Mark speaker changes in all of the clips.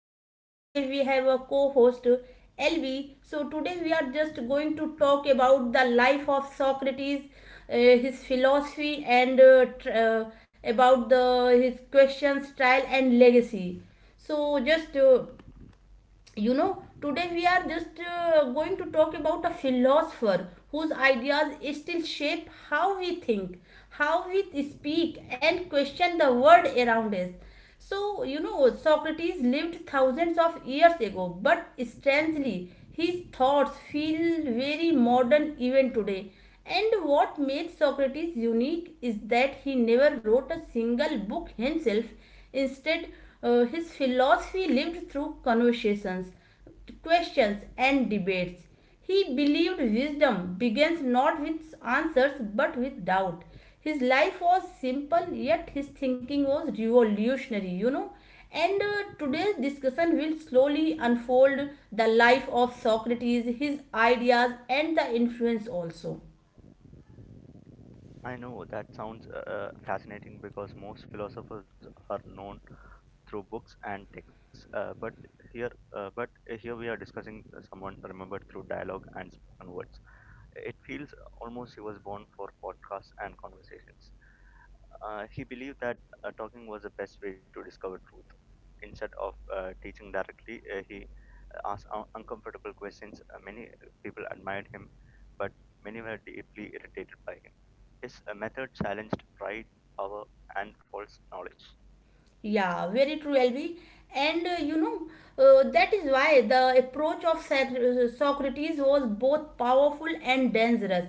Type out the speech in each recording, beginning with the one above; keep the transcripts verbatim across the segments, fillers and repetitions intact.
Speaker 1: and uh, today we have a co-host L V. So today we are just going to talk about the life of Socrates, uh, his philosophy and uh, tr- uh, about the his questions, trial and legacy. So just uh, you know today we are just uh, going to talk about a philosopher whose ideas still shape how we think, how we speak and question the world around us. So you know, Socrates lived thousands of years ago, but strangely his thoughts feel very modern even today. And what makes Socrates unique is that he never wrote a single book himself. Instead, uh, his philosophy lived through conversations, questions, and debates. He believed wisdom begins not with answers but with doubt. His life was simple, yet his thinking was revolutionary, you know. And uh, today's discussion will slowly unfold the life of Socrates, his ideas, and the influence also.
Speaker 2: I know that sounds uh, fascinating because most philosophers are known through books and texts. Uh, but here, uh, but here we are discussing someone remembered through dialogue and spoken words. It feels almost he was born for podcasts and conversations. Uh, he believed that uh, talking was the best way to discover truth. Instead of uh, teaching directly, uh, he asked un- uncomfortable questions. Uh, many people admired him, but many were deeply irritated by him. His uh, method challenged pride, power, and false knowledge.
Speaker 1: Yeah, very true, L B. And uh, you know, uh, that is why the approach of Sac- uh, Socrates was both powerful and dangerous.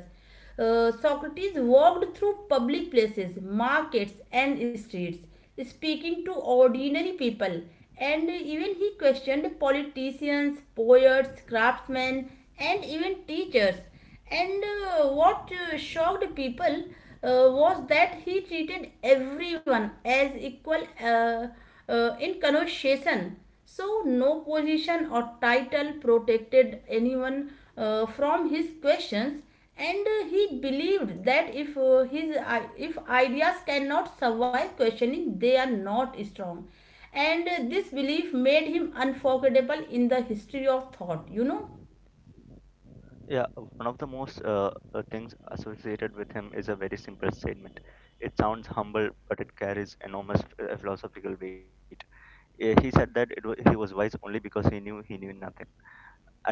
Speaker 1: Uh, Socrates walked through public places, markets, and streets, speaking to ordinary people. And even he questioned politicians, poets, craftsmen, and even teachers. And uh, what uh, shocked people uh, was that he treated everyone as equal, uh, uh, in conversation. So, no position or title protected anyone uh, from his questions, and uh, he believed that if uh, his i- if ideas cannot survive questioning, they are not strong. And uh, this belief made him unforgettable in the history of thought, you know.
Speaker 2: Yeah, uh, one of the most uh, uh, things associated with him is a very simple statement. It sounds humble, but it carries enormous uh, philosophical weight. Uh, He said that it wa he was wise only because he knew he knew nothing.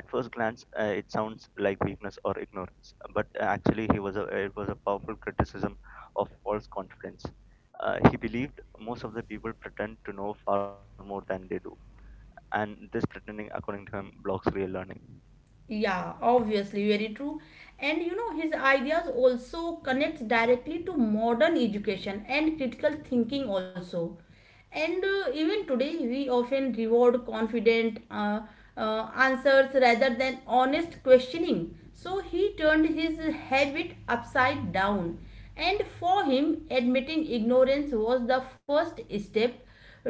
Speaker 2: At first glance, uh, it sounds like weakness or ignorance, but uh, actually, he was a, uh, it was a powerful criticism of false confidence. Uh, he believed most of the people pretend to know far more than they do, and this pretending, according to him, blocks real learning.
Speaker 1: Yeah, obviously, very true. And you know, his ideas also connect directly to modern education and critical thinking also. And uh, even today, we often reward confident uh, uh, answers rather than honest questioning. So he turned his habit upside down. And for him, admitting ignorance was the first step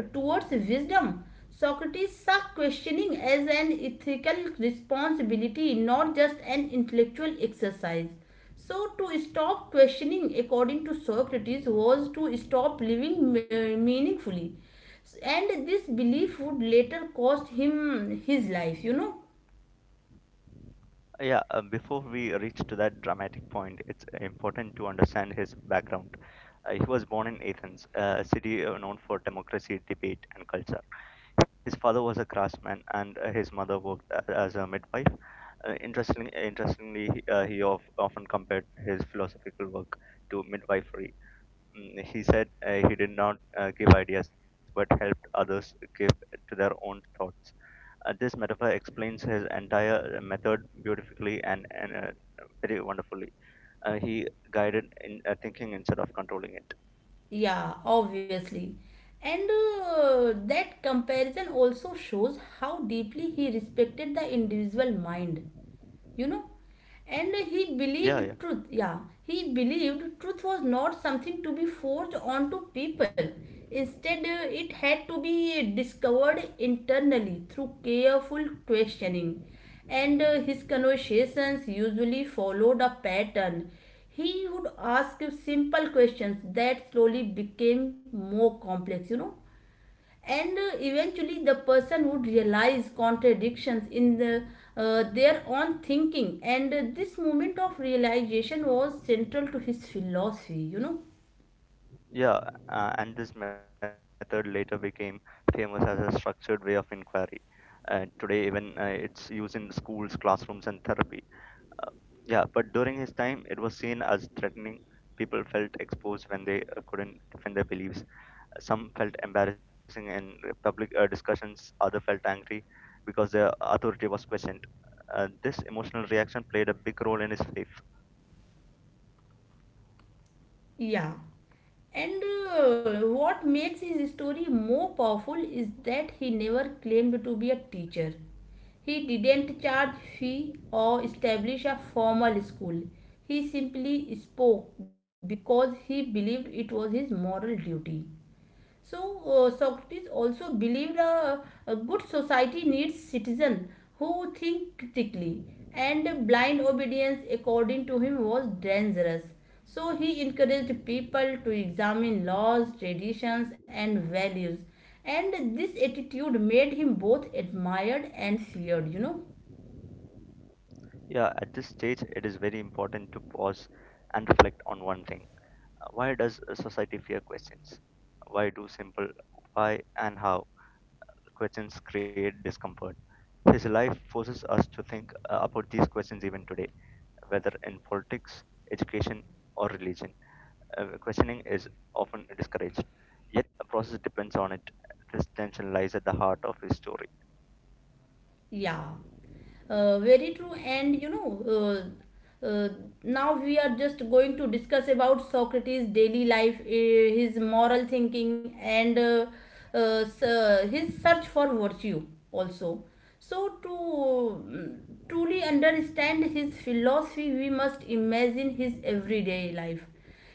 Speaker 1: towards wisdom. Socrates saw questioning as an ethical responsibility, not just an intellectual exercise. So, to stop questioning, according to Socrates, was to stop living uh, meaningfully. And this belief would later cost him his life, you know.
Speaker 2: Yeah, uh, before we reach to that dramatic point, it's important to understand his background. Uh, he was born in Athens, uh, a city uh, known for democracy, debate, and culture. His father was a craftsman, and uh, his mother worked a- as a midwife. Uh, interestingly, interestingly, he- uh, he of, often compared his philosophical work to midwifery. Mm, he said uh, he did not uh, give ideas, but helped others give to their own thoughts. Uh, this metaphor explains his entire method beautifully and, and uh, very wonderfully. Uh, he guided in uh, thinking instead of controlling it.
Speaker 1: Yeah, obviously. And uh, that comparison also shows how deeply he respected the individual mind, you know. And he
Speaker 2: Yeah,
Speaker 1: believed
Speaker 2: yeah,
Speaker 1: truth. Yeah, he believed truth was not something to be forced onto people. Instead, uh, it had to be discovered internally through careful questioning. And uh, his conversations usually followed a pattern. He would ask simple questions that slowly became more complex, you know. And uh, eventually the person would realize contradictions in the, uh, their own thinking. And uh, this moment of realization was central to his philosophy, you know.
Speaker 2: yeah. Uh, and this method later became famous as a structured way of inquiry. Uh, today, even uh, it's used in schools, classrooms, and therapy. Uh, yeah, but during his time, it was seen as threatening. People felt exposed when they uh, couldn't defend their beliefs. Some felt embarrassing in public uh, discussions, others felt angry because their authority was questioned. Uh, this emotional reaction played a big role in his faith.
Speaker 1: Yeah, and uh, what makes his story more powerful is that he never claimed to be a teacher. He didn't charge fee or establish a formal school. He simply spoke because he believed it was his moral duty. So uh, Socrates also believed a, a good society needs citizens who think critically, and blind obedience, according to him, was dangerous. So he encouraged people to examine laws, traditions, and values, and this attitude made him both admired and feared, you know.
Speaker 2: Yeah, at this stage, it is very important to pause and reflect on one thing. Uh, Why does a society fear questions? Why do simple why and how questions create discomfort? His life forces us to think uh, about these questions even today, whether in politics, education, or religion. Uh, questioning is often discouraged, yet the process depends on it. This tension lies at the heart of his story.
Speaker 1: Yeah, uh, very true. And you know, uh, uh, now we are just going to discuss about Socrates' daily life, uh, his moral thinking, and uh, uh, s- uh, his search for virtue also. So, to mm, truly understand his philosophy, we must imagine his everyday life.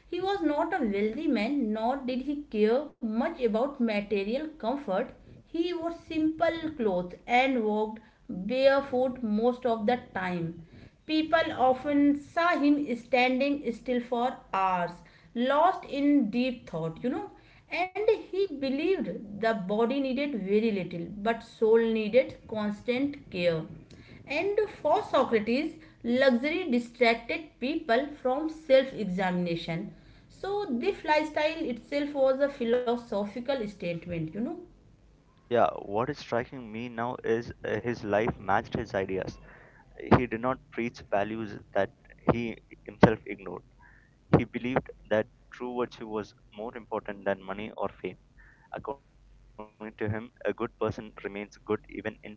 Speaker 1: He was not a wealthy man, nor did he care much about material comfort. He wore simple clothes and walked barefoot most of the time. People often saw him standing still for hours, lost in deep thought, you know. And he believed the body needed very little, but soul needed constant care. And for Socrates, luxury distracted people from self examination. So, this lifestyle itself was a philosophical statement, you know.
Speaker 2: Yeah, what is striking me now is uh, his life matched his ideas. He did not preach values that he himself ignored. He believed that true virtue was more important than money or fame. According to him, a good person remains good even in poverty,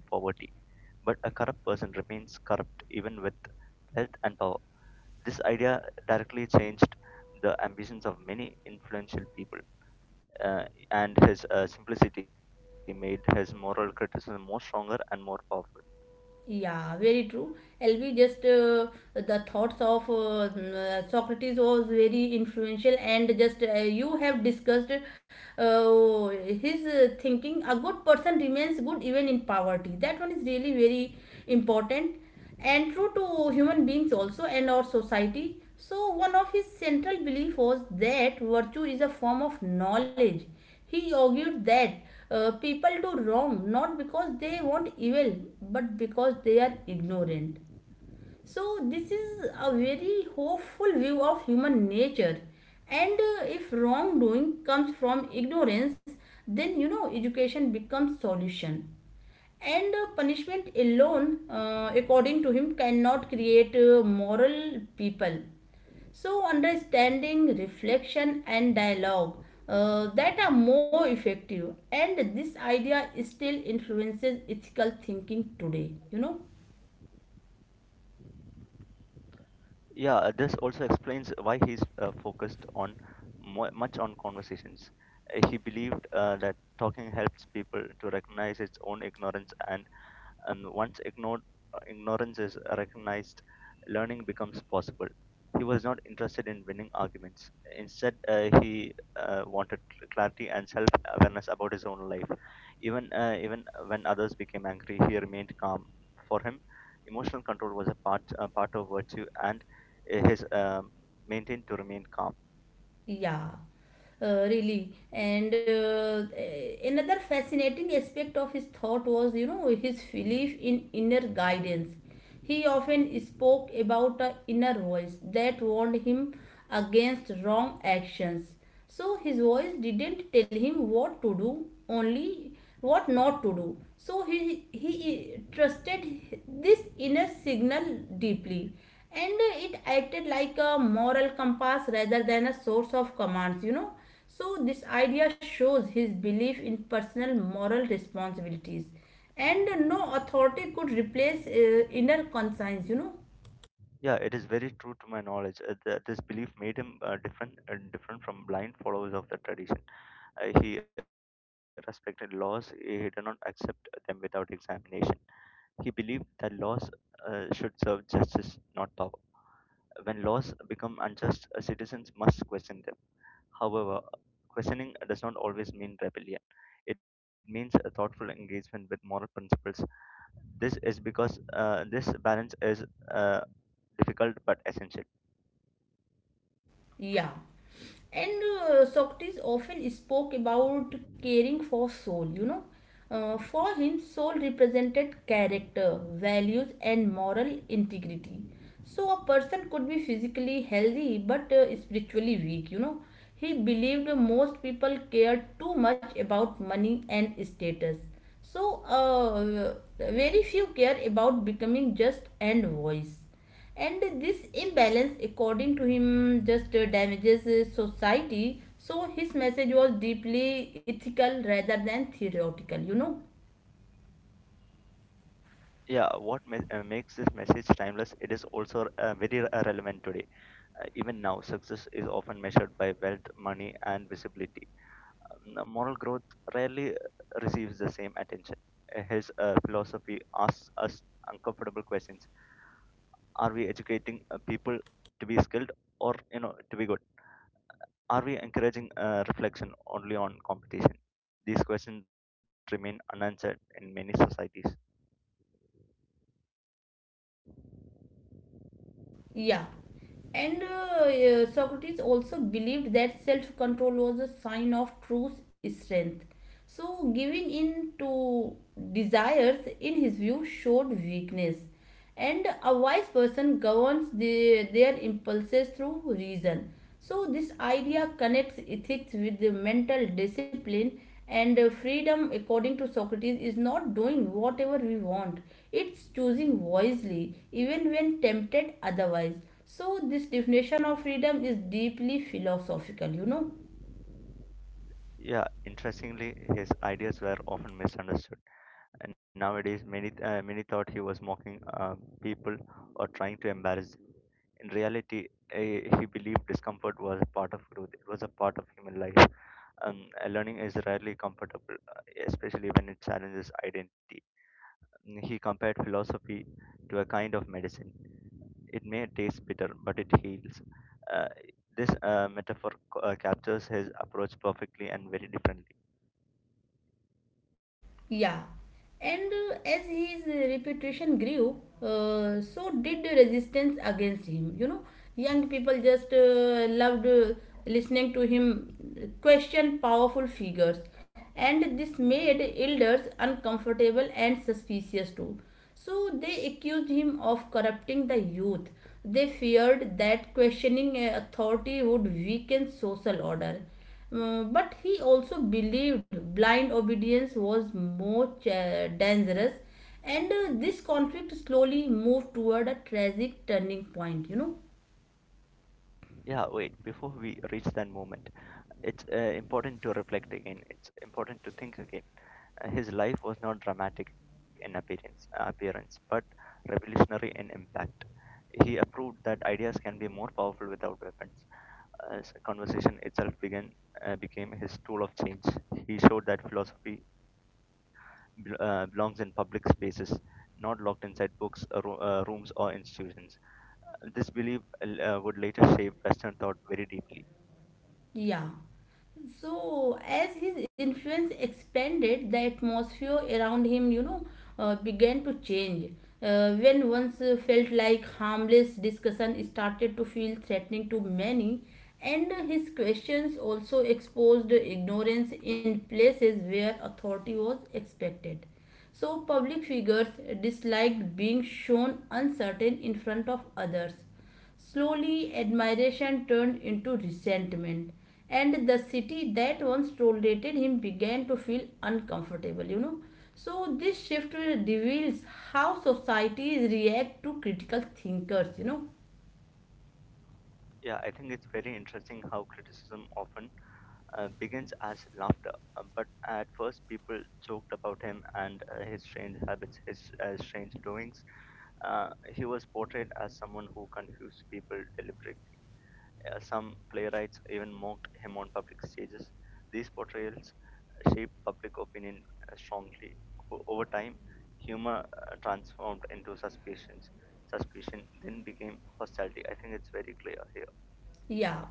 Speaker 2: but a corrupt person remains corrupt even with wealth and power. This idea directly changed the ambitions of many influential people, uh, and his uh, simplicity made his moral criticism more stronger and more powerful.
Speaker 1: Yeah, very true. L B, just uh, the thoughts of uh, mm, uh, Socrates was very influential, and just uh, you have discussed uh, his uh, thinking. A good person remains good even in poverty. That one is really very important and true to human beings also and our society. So, one of his central beliefs was that virtue is a form of knowledge. He argued that uh, people do wrong not because they want evil but because they are ignorant. So, this is a very hopeful view of human nature. And uh, if wrongdoing comes from ignorance, then you know, education becomes solution. And uh, punishment alone, uh, according to him, cannot create uh, moral people. So understanding, reflection and dialogue, uh, that are more effective, and this idea still influences ethical thinking today, you know.
Speaker 2: Yeah, uh, this also explains why he's uh, focused on more, much on conversations. Uh, He believed uh, that talking helps people to recognize its own ignorance and and once ignored, ignorance is recognized, learning becomes possible. He was not interested in winning arguments. Instead, uh, he uh, wanted cl- clarity and self-awareness about his own life. Even uh, even when others became angry, he remained calm. For him, emotional control was a part a part of virtue and uh, his um maintained to remain calm.
Speaker 1: Yeah, uh, really. And uh, a- another fascinating aspect of his thought was, you know, his belief in inner guidance. He often spoke about an inner voice that warned him against wrong actions. So his voice didn't tell him what to do, only what not to do. So he he trusted this inner signal deeply, and it acted like a moral compass rather than a source of commands, you know. So this idea shows his belief in personal moral responsibilities, and no authority could replace uh, inner conscience, you know.
Speaker 2: Yeah, it is very true to my knowledge. Uh, th- this belief made him uh, different uh, different from blind followers of the tradition. Uh, He respected laws, he did not accept them without examination. He believed that laws uh, should serve justice, not power. When laws become unjust, uh, citizens must question them. However, questioning does not always mean rebellion. It means a thoughtful engagement with moral principles. This is because uh, this balance is uh, difficult but essential.
Speaker 1: Yeah. And uh, Socrates often spoke about caring for soul, you know. Uh, for him, soul represented character, values, and moral integrity. So, a person could be physically healthy but uh, spiritually weak, you know. He believed most people cared too much about money and status. So, uh, very few care about becoming just and voice. And this imbalance, according to him, just uh, damages uh, society. So his message was deeply ethical rather than theoretical, you know.
Speaker 2: Yeah, what ma- uh, makes this message timeless? It is also uh, very re- relevant today. Uh, even now, success is often measured by wealth, money, and visibility. Um, moral growth rarely uh, receives the same attention. Uh, His uh, philosophy asks us uncomfortable questions: Are we educating uh, people to be skilled, or you know, to be good? Are we encouraging uh, reflection only on competition? These questions remain unanswered in many societies.
Speaker 1: Yeah. And uh, uh, Socrates also believed that self control was a sign of true strength. So, giving in to desires, in his view, showed weakness. And a wise person governs the, their impulses through reason. So, this idea connects ethics with the mental discipline, and uh, freedom, according to Socrates, is not doing whatever we want, it's choosing wisely, even when tempted otherwise. So, this definition of freedom is deeply philosophical, you know.
Speaker 2: Yeah, interestingly, his ideas were often misunderstood and nowadays many uh, many thought he was mocking uh, people or trying to embarrass them. In reality, eh, he believed discomfort was a part of growth. It was a part of human life. Um, uh, learning is rarely comfortable, uh, especially when it challenges identity. Mm, He compared philosophy to a kind of medicine. It may taste bitter, but it heals. Uh, this uh, metaphor uh, captures his approach perfectly and very differently.
Speaker 1: Yeah, and uh, as his uh, reputation grew, uh, so did the resistance against him. You know, young people just uh, loved uh, listening to him question powerful figures, and this made elders uncomfortable and suspicious too. So they accused him of corrupting the youth. They feared that questioning uh, authority would weaken social order, uh, but he also believed blind obedience was more uh, dangerous, and uh, this conflict slowly moved toward a tragic turning point, you know.
Speaker 2: Yeah, wait, before we reach that moment, it's uh, important to reflect again. It's important to think again. Uh, his life was not dramatic in appearance, uh, appearance, but revolutionary in impact. He proved that ideas can be more powerful without weapons. As conversation itself began, uh, became his tool of change. He showed that philosophy bel uh, belongs in public spaces, not locked inside books, uh, ro- uh, rooms, or institutions. This belief uh, would later shape Western thought very deeply.
Speaker 1: Yeah. So as his influence expanded, the atmosphere around him, you know, uh, began to change. Uh, when once uh, felt like harmless discussion started to feel threatening to many, and uh, his questions also exposed ignorance in places where authority was expected. So public figures disliked being shown uncertain in front of others. Slowly, admiration turned into resentment, and the city that once tolerated him began to feel uncomfortable, you know. So, this shift reveals how societies react to critical thinkers, you know.
Speaker 2: Yeah, I think it's very interesting how criticism often uh, begins as laughter, uh, but at first people joked about him and uh, his strange habits, his uh, strange doings. Uh, he was portrayed as someone who confused people deliberately. Uh, some playwrights even mocked him on public stages. These portrayals uh, shaped public opinion uh, strongly. O- over time, humor uh, transformed into suspicions. Suspicion then became hostility. I think it's very clear here.
Speaker 1: Yeah,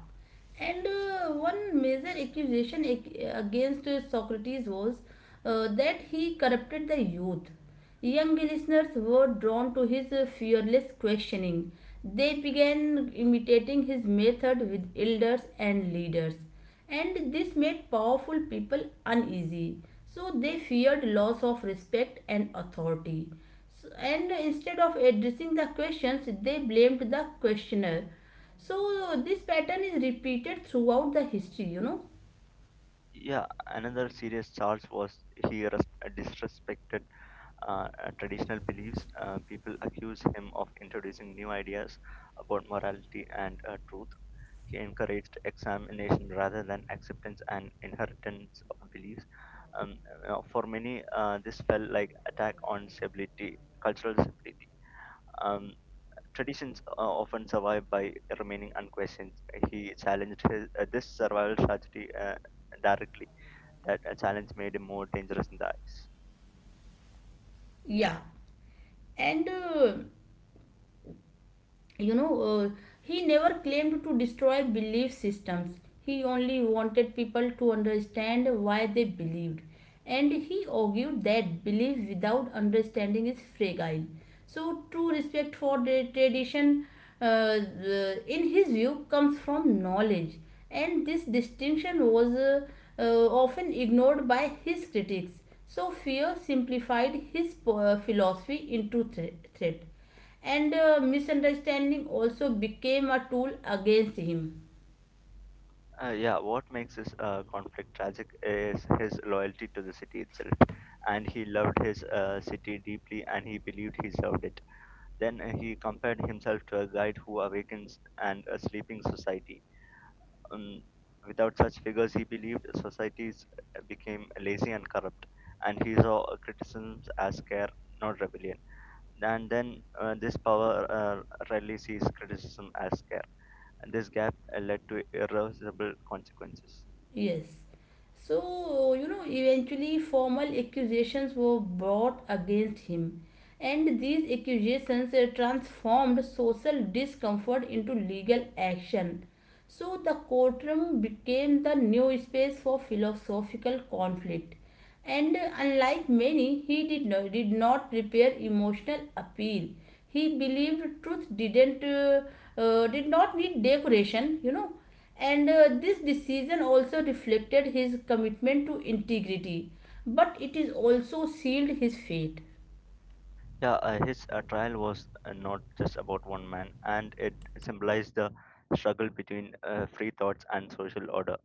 Speaker 1: and uh, one major accusation ag- against uh, Socrates was uh, that he corrupted the youth. Young listeners were drawn to his uh, fearless questioning. They began imitating his method with elders and leaders, and this made powerful people uneasy. So they feared loss of respect and authority. So, and instead of addressing the questions, they blamed the questioner. So this pattern is repeated throughout the history, you know.
Speaker 2: Yeah, another serious charge was he res- disrespected uh, uh, traditional beliefs. Uh, people accused him of introducing new ideas about morality and uh, truth. He encouraged examination rather than acceptance and inheritance of beliefs. Um, uh, for many, uh, this felt like attack on stability, cultural stability. Um, Traditions uh, often survive by remaining unquestioned. He challenged his, uh, this survival strategy uh, directly that a challenge made him more dangerous in the eyes.
Speaker 1: Yeah, and. Uh, you know uh, he never claimed to destroy belief systems. He only wanted people to understand why they believed, and he argued that belief without understanding is fragile. So true respect for the tradition, uh, uh, in his view, comes from knowledge, and this distinction was uh, uh, often ignored by his critics. So fear simplified his uh, philosophy into thre- threat, and uh, misunderstanding also became a tool against him.
Speaker 2: Uh, yeah, what makes this uh, conflict tragic is his loyalty to the city itself. And he loved his uh, city deeply and he believed he served it. Then uh, he compared himself to a guide who awakens and a sleeping society. Um, Without such figures, he believed societies became lazy and corrupt. And he saw criticisms as care, not rebellion. And then uh, this power uh, rarely sees criticism as care and this gap uh, led to irreversible consequences.
Speaker 1: Yes. So you know, eventually formal accusations were brought against him, and these accusations uh, transformed social discomfort into legal action. So the courtroom became the new space for philosophical conflict. And uh, unlike many, he did not, did not prepare emotional appeal. He believed truth didn't, uh, uh, did not need decoration, you know. And uh, this decision also reflected his commitment to integrity, but it is also sealed his fate.
Speaker 2: Yeah, uh, his uh, trial was uh, not just about one man, and it symbolized the struggle between uh, free thoughts and social order.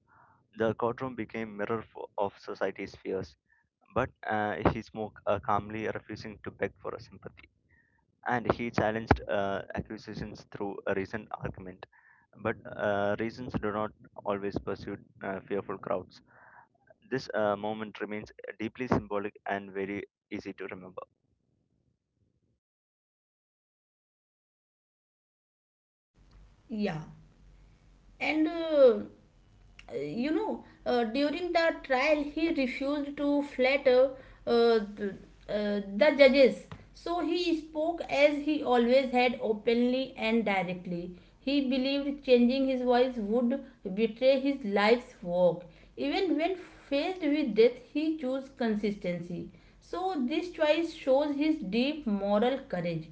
Speaker 2: The courtroom became mirror for, of society's fears, but uh, he spoke uh, calmly, refusing to beg for sympathy. And he challenged uh, accusations through a recent argument. But uh, reasons do not always pursue uh, fearful crowds. This uh, moment remains deeply symbolic and very easy to remember.
Speaker 1: Yeah. And uh, uh, you know uh, during the trial he refused to flatter uh, th- uh, the judges. So he spoke as he always had, openly and directly. He believed changing his voice would betray his life's work. Even when faced with death, he chose consistency. So this choice shows his deep moral courage,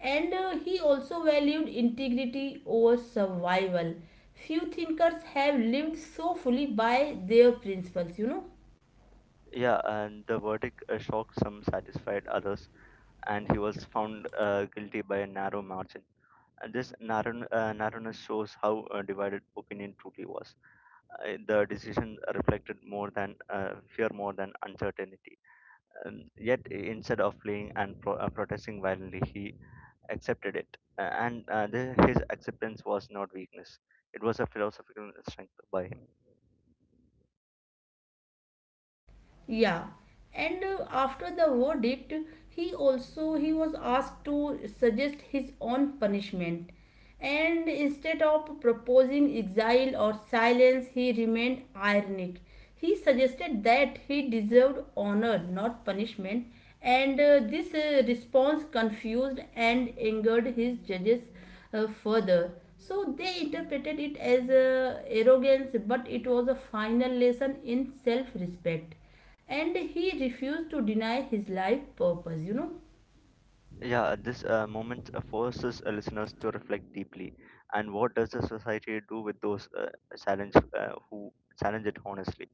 Speaker 1: and uh, he also valued integrity over survival. Few thinkers have lived so fully by their principles, you know.
Speaker 2: Yeah, and the verdict uh, shocked some, satisfied others, and he was found uh, guilty by a narrow margin. And this narrow, uh, narrowness shows how uh, divided opinion truly was. Uh, the decision reflected more than uh, fear, more than uncertainty. Um, Yet, instead of fleeing and pro- uh, protesting violently, he accepted it. Uh, and uh, the, his acceptance was not weakness, it was a philosophical strength by him.
Speaker 1: Yeah, and uh, after the verdict, he also he was asked to suggest his own punishment, and instead of proposing exile or silence, he remained ironic. He suggested that he deserved honor, not punishment, and uh, this uh, response confused and angered his judges uh, further. So they interpreted it as uh, arrogance, but it was a final lesson in self respect. And he refused to deny his life purpose, you know.
Speaker 2: Yeah, this uh, moment uh, forces uh, listeners to reflect deeply. And what does the society do with those uh, challenge, uh, who challenge it honestly?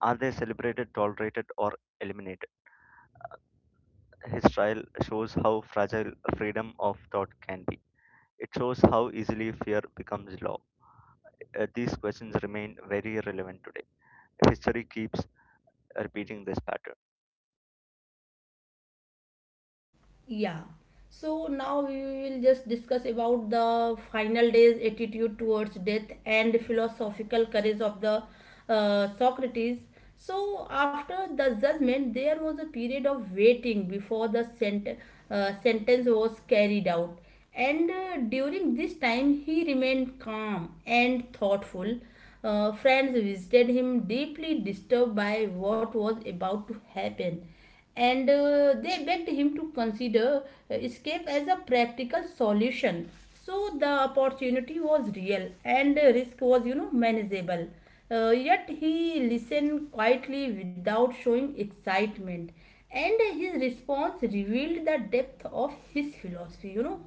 Speaker 2: Are they celebrated, tolerated, or eliminated? His trial shows how fragile freedom of thought can be. It shows how easily fear becomes law. Uh, these questions remain very relevant today. History keeps repeating this pattern.
Speaker 1: Yeah. So now we will just discuss about the final day's attitude towards death and philosophical courage of the uh, Socrates. So after the judgment, there was a period of waiting before the sent- uh, sentence was carried out. And uh, during this time, he remained calm and thoughtful. Uh, friends visited him, deeply disturbed by what was about to happen and uh, they begged him to consider uh, escape as a practical solution, so the opportunity was real and uh, risk was you know manageable. Uh, yet he listened quietly without showing excitement, and his response revealed the depth of his philosophy you know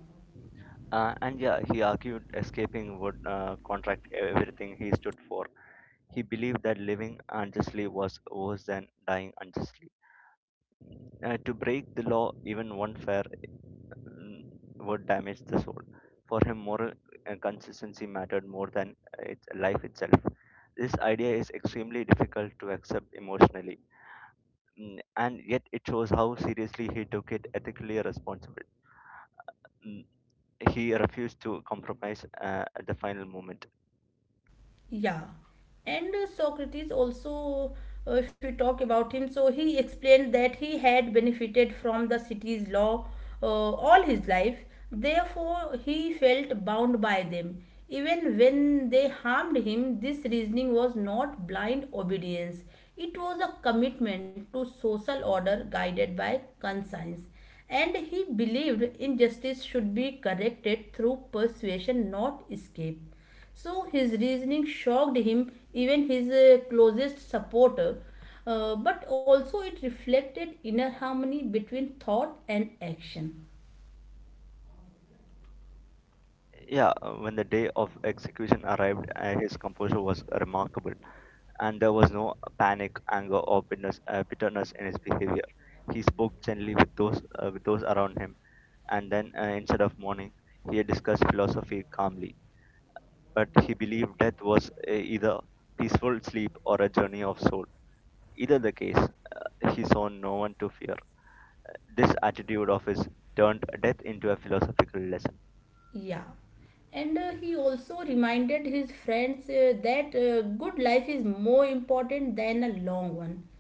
Speaker 2: Uh, and yeah, he argued escaping would uh, contract everything he stood for. He believed that living unjustly was worse than dying unjustly. Uh, to break the law, even one fair mm, would damage the soul. For him, moral uh, consistency mattered more than uh, its life itself. This idea is extremely difficult to accept emotionally. Mm, and yet it shows how seriously he took it ethically responsible. Mm, he refused to compromise uh, at the final moment.
Speaker 1: Yeah, and uh, Socrates also, uh, if you talk about him, so he explained that he had benefited from the city's law uh, all his life. Therefore, he felt bound by them. Even when they harmed him, this reasoning was not blind obedience. It was a commitment to social order guided by conscience. And he believed injustice should be corrected through persuasion, not escape, so his reasoning shocked him, even his uh, closest supporter. Uh, but also, it reflected inner harmony between thought and action.
Speaker 2: yeah uh, when the day of execution arrived, uh, his composure was remarkable and there was no panic anger or bitterness, uh, bitterness in his behavior. He spoke gently with those uh, with those around him, and then, uh, instead of mourning, he discussed philosophy calmly. But he believed death was uh, either peaceful sleep or a journey of soul. Either the case, uh, he saw no one to fear. This attitude of his turned death into a philosophical lesson.
Speaker 1: Yeah. And uh, he also reminded his friends uh, that uh, good life is more important than a long one.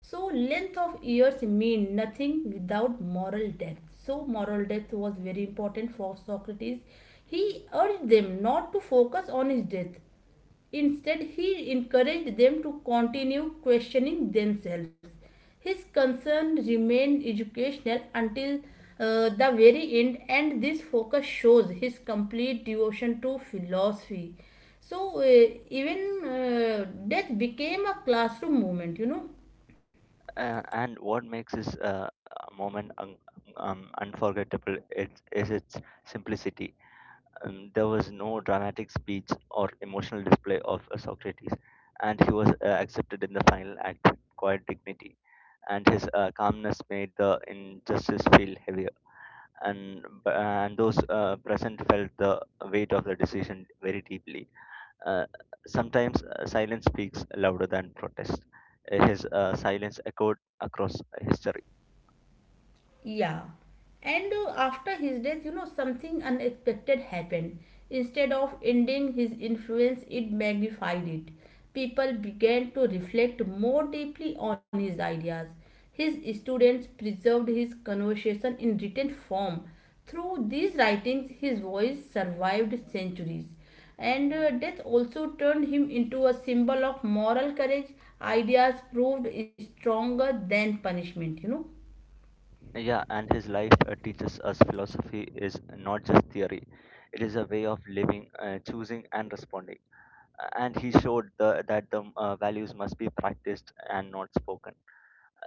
Speaker 1: So, length of years mean nothing without moral depth. So, moral depth was very important for Socrates. He urged them not to focus on his death. Instead, he encouraged them to continue questioning themselves. His concern remained educational until uh, the very end, and this focus shows his complete devotion to philosophy. So, uh, even uh, death became a classroom movement, you know
Speaker 2: Uh, and what makes this uh, moment un- um, unforgettable is, is its simplicity. Um, there was no dramatic speech or emotional display of uh, Socrates, and he was uh, accepted in the final act with quiet dignity. And his uh, calmness made the injustice feel heavier, and and those uh, present felt the weight of the decision very deeply. Uh, sometimes uh, silence speaks louder than protest. Uh, His uh, silence echoed across history.
Speaker 1: Yeah. And uh, after his death, you know, something unexpected happened. Instead of ending his influence, it magnified it. People began to reflect more deeply on his ideas. His students preserved his conversation in written form. Through these writings, his voice survived centuries. And uh, death also turned him into a symbol of moral courage. Ideas proved stronger than punishment, you know.
Speaker 2: Yeah, and his life uh, teaches us philosophy is not just theory, it is a way of living, uh, choosing, and responding. Uh, And he showed the, that the uh, values must be practiced and not spoken.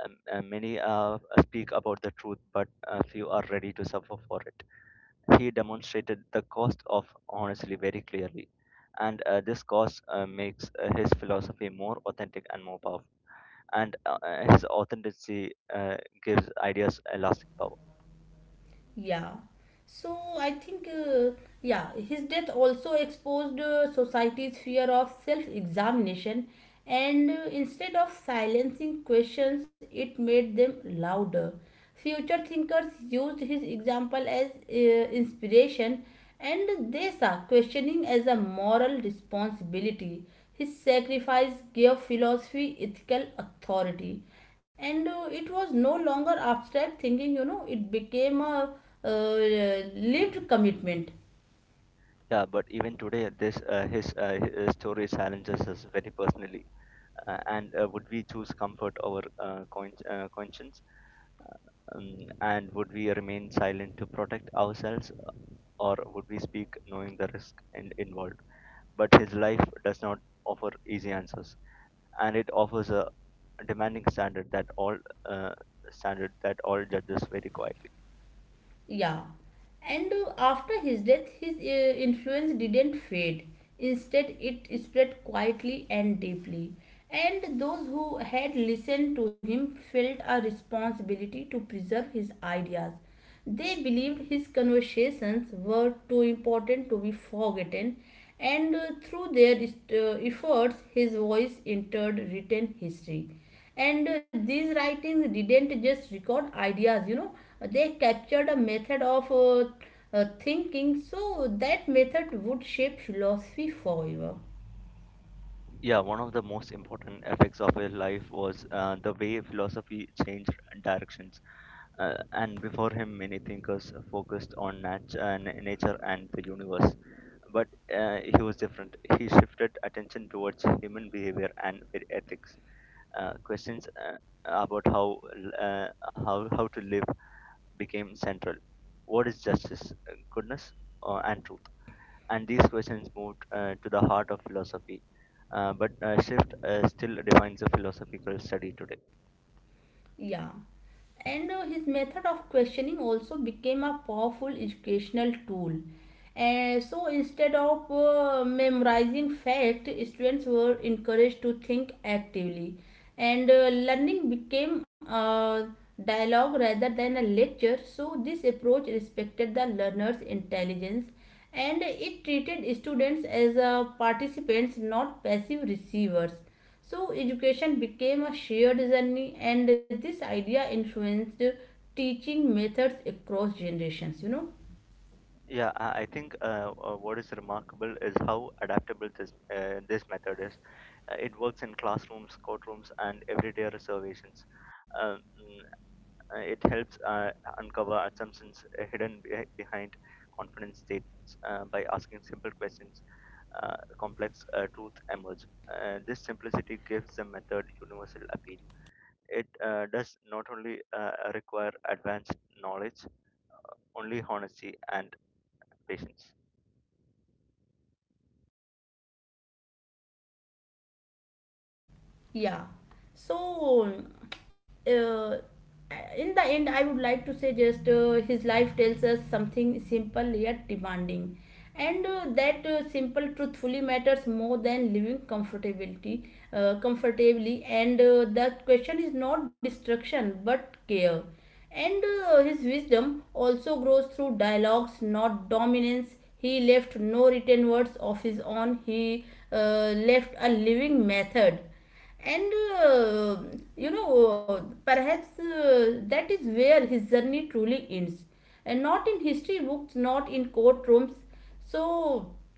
Speaker 2: Um, uh, many uh, speak about the truth, but uh, few are ready to suffer for it. He demonstrated the cost of honesty very clearly, and uh, this cost uh, makes uh, his philosophy more authentic and more powerful. And uh, uh, his authenticity uh, gives ideas a lasting power.
Speaker 1: Yeah. So I think, uh, yeah, his death also exposed uh, society's fear of self examination, and uh, instead of silencing questions, it made them louder. Future thinkers used his example as uh, inspiration, and they saw questioning as a moral responsibility. His sacrifice gave philosophy ethical authority, and uh, it was no longer abstract thinking you know It became a uh, lived commitment.
Speaker 2: Yeah, but even today, this uh, his, uh, his story challenges us very personally. Uh, and uh, would we choose comfort over uh, coin- uh, conscience? Uh, Um, and would we remain silent to protect ourselves, or would we speak knowing the risk and involved? But his life does not offer easy answers, and it offers a demanding standard that all uh, standard that all judges very quietly.
Speaker 1: Yeah. And uh, after his death, his uh, influence didn't fade. Instead, it spread quietly and deeply. And those who had listened to him felt a responsibility to preserve his ideas. They believed his conversations were too important to be forgotten, and uh, through their uh, efforts, his voice entered written history. And uh, these writings didn't just record ideas you know They captured a method of uh, uh, thinking, so that method would shape philosophy forever.
Speaker 2: Yeah, one of the most important effects of his life was uh, the way philosophy changed directions. Uh, and before him, many thinkers focused on nat- uh, n- nature and the universe. But uh, he was different. He shifted attention towards human behavior and ethics. Uh, questions uh, about how uh, how how to live became central. What is justice, uh, goodness, uh, and truth? And these questions moved uh, to the heart of philosophy. Uh, but uh, shift uh, still defines a philosophical study today.
Speaker 1: Yeah. And uh, his method of questioning also became a powerful educational tool, and so instead of uh, memorizing fact, students were encouraged to think actively, and uh, learning became a dialogue rather than a lecture. So this approach respected the learner's intelligence, and it treated students as uh, participants, not passive receivers. So education became a shared journey, and this idea influenced teaching methods across generations. You know,
Speaker 2: Yeah, I I think uh, uh, what is remarkable is how adaptable this uh, this method is. Uh, it works in classrooms, courtrooms, and everyday reservations. Um, Uh, it helps uh, uncover assumptions uh, hidden beh- behind confidence statements uh, by asking simple questions. Uh, complex uh, truth emerge. Uh, this simplicity gives the method universal appeal. It uh, does not only uh, require advanced knowledge, uh, only honesty and patience.
Speaker 1: Yeah. So, uh, in the end, I would like to say just uh, his life tells us something simple yet demanding. And uh, that uh, simple truthfully matters more than living comfortability, uh, comfortably. And uh, the question is not destruction but care. And uh, his wisdom also grows through dialogues, not dominance. He left no written words of his own, he uh, left a living method, and uh, you know perhaps uh, that is where his journey truly ends, and not in history books, not in courtrooms. So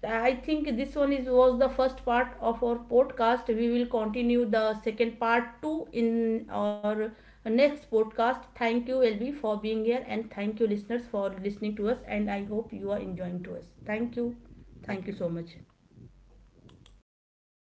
Speaker 1: I think this one is was the first part of our podcast. We will continue the second part two in our next podcast. Thank you LB for being here, and thank you listeners for listening to us, and I hope you are enjoying to us. Thank you. Thank
Speaker 2: Thank
Speaker 1: you so
Speaker 2: you.
Speaker 1: much.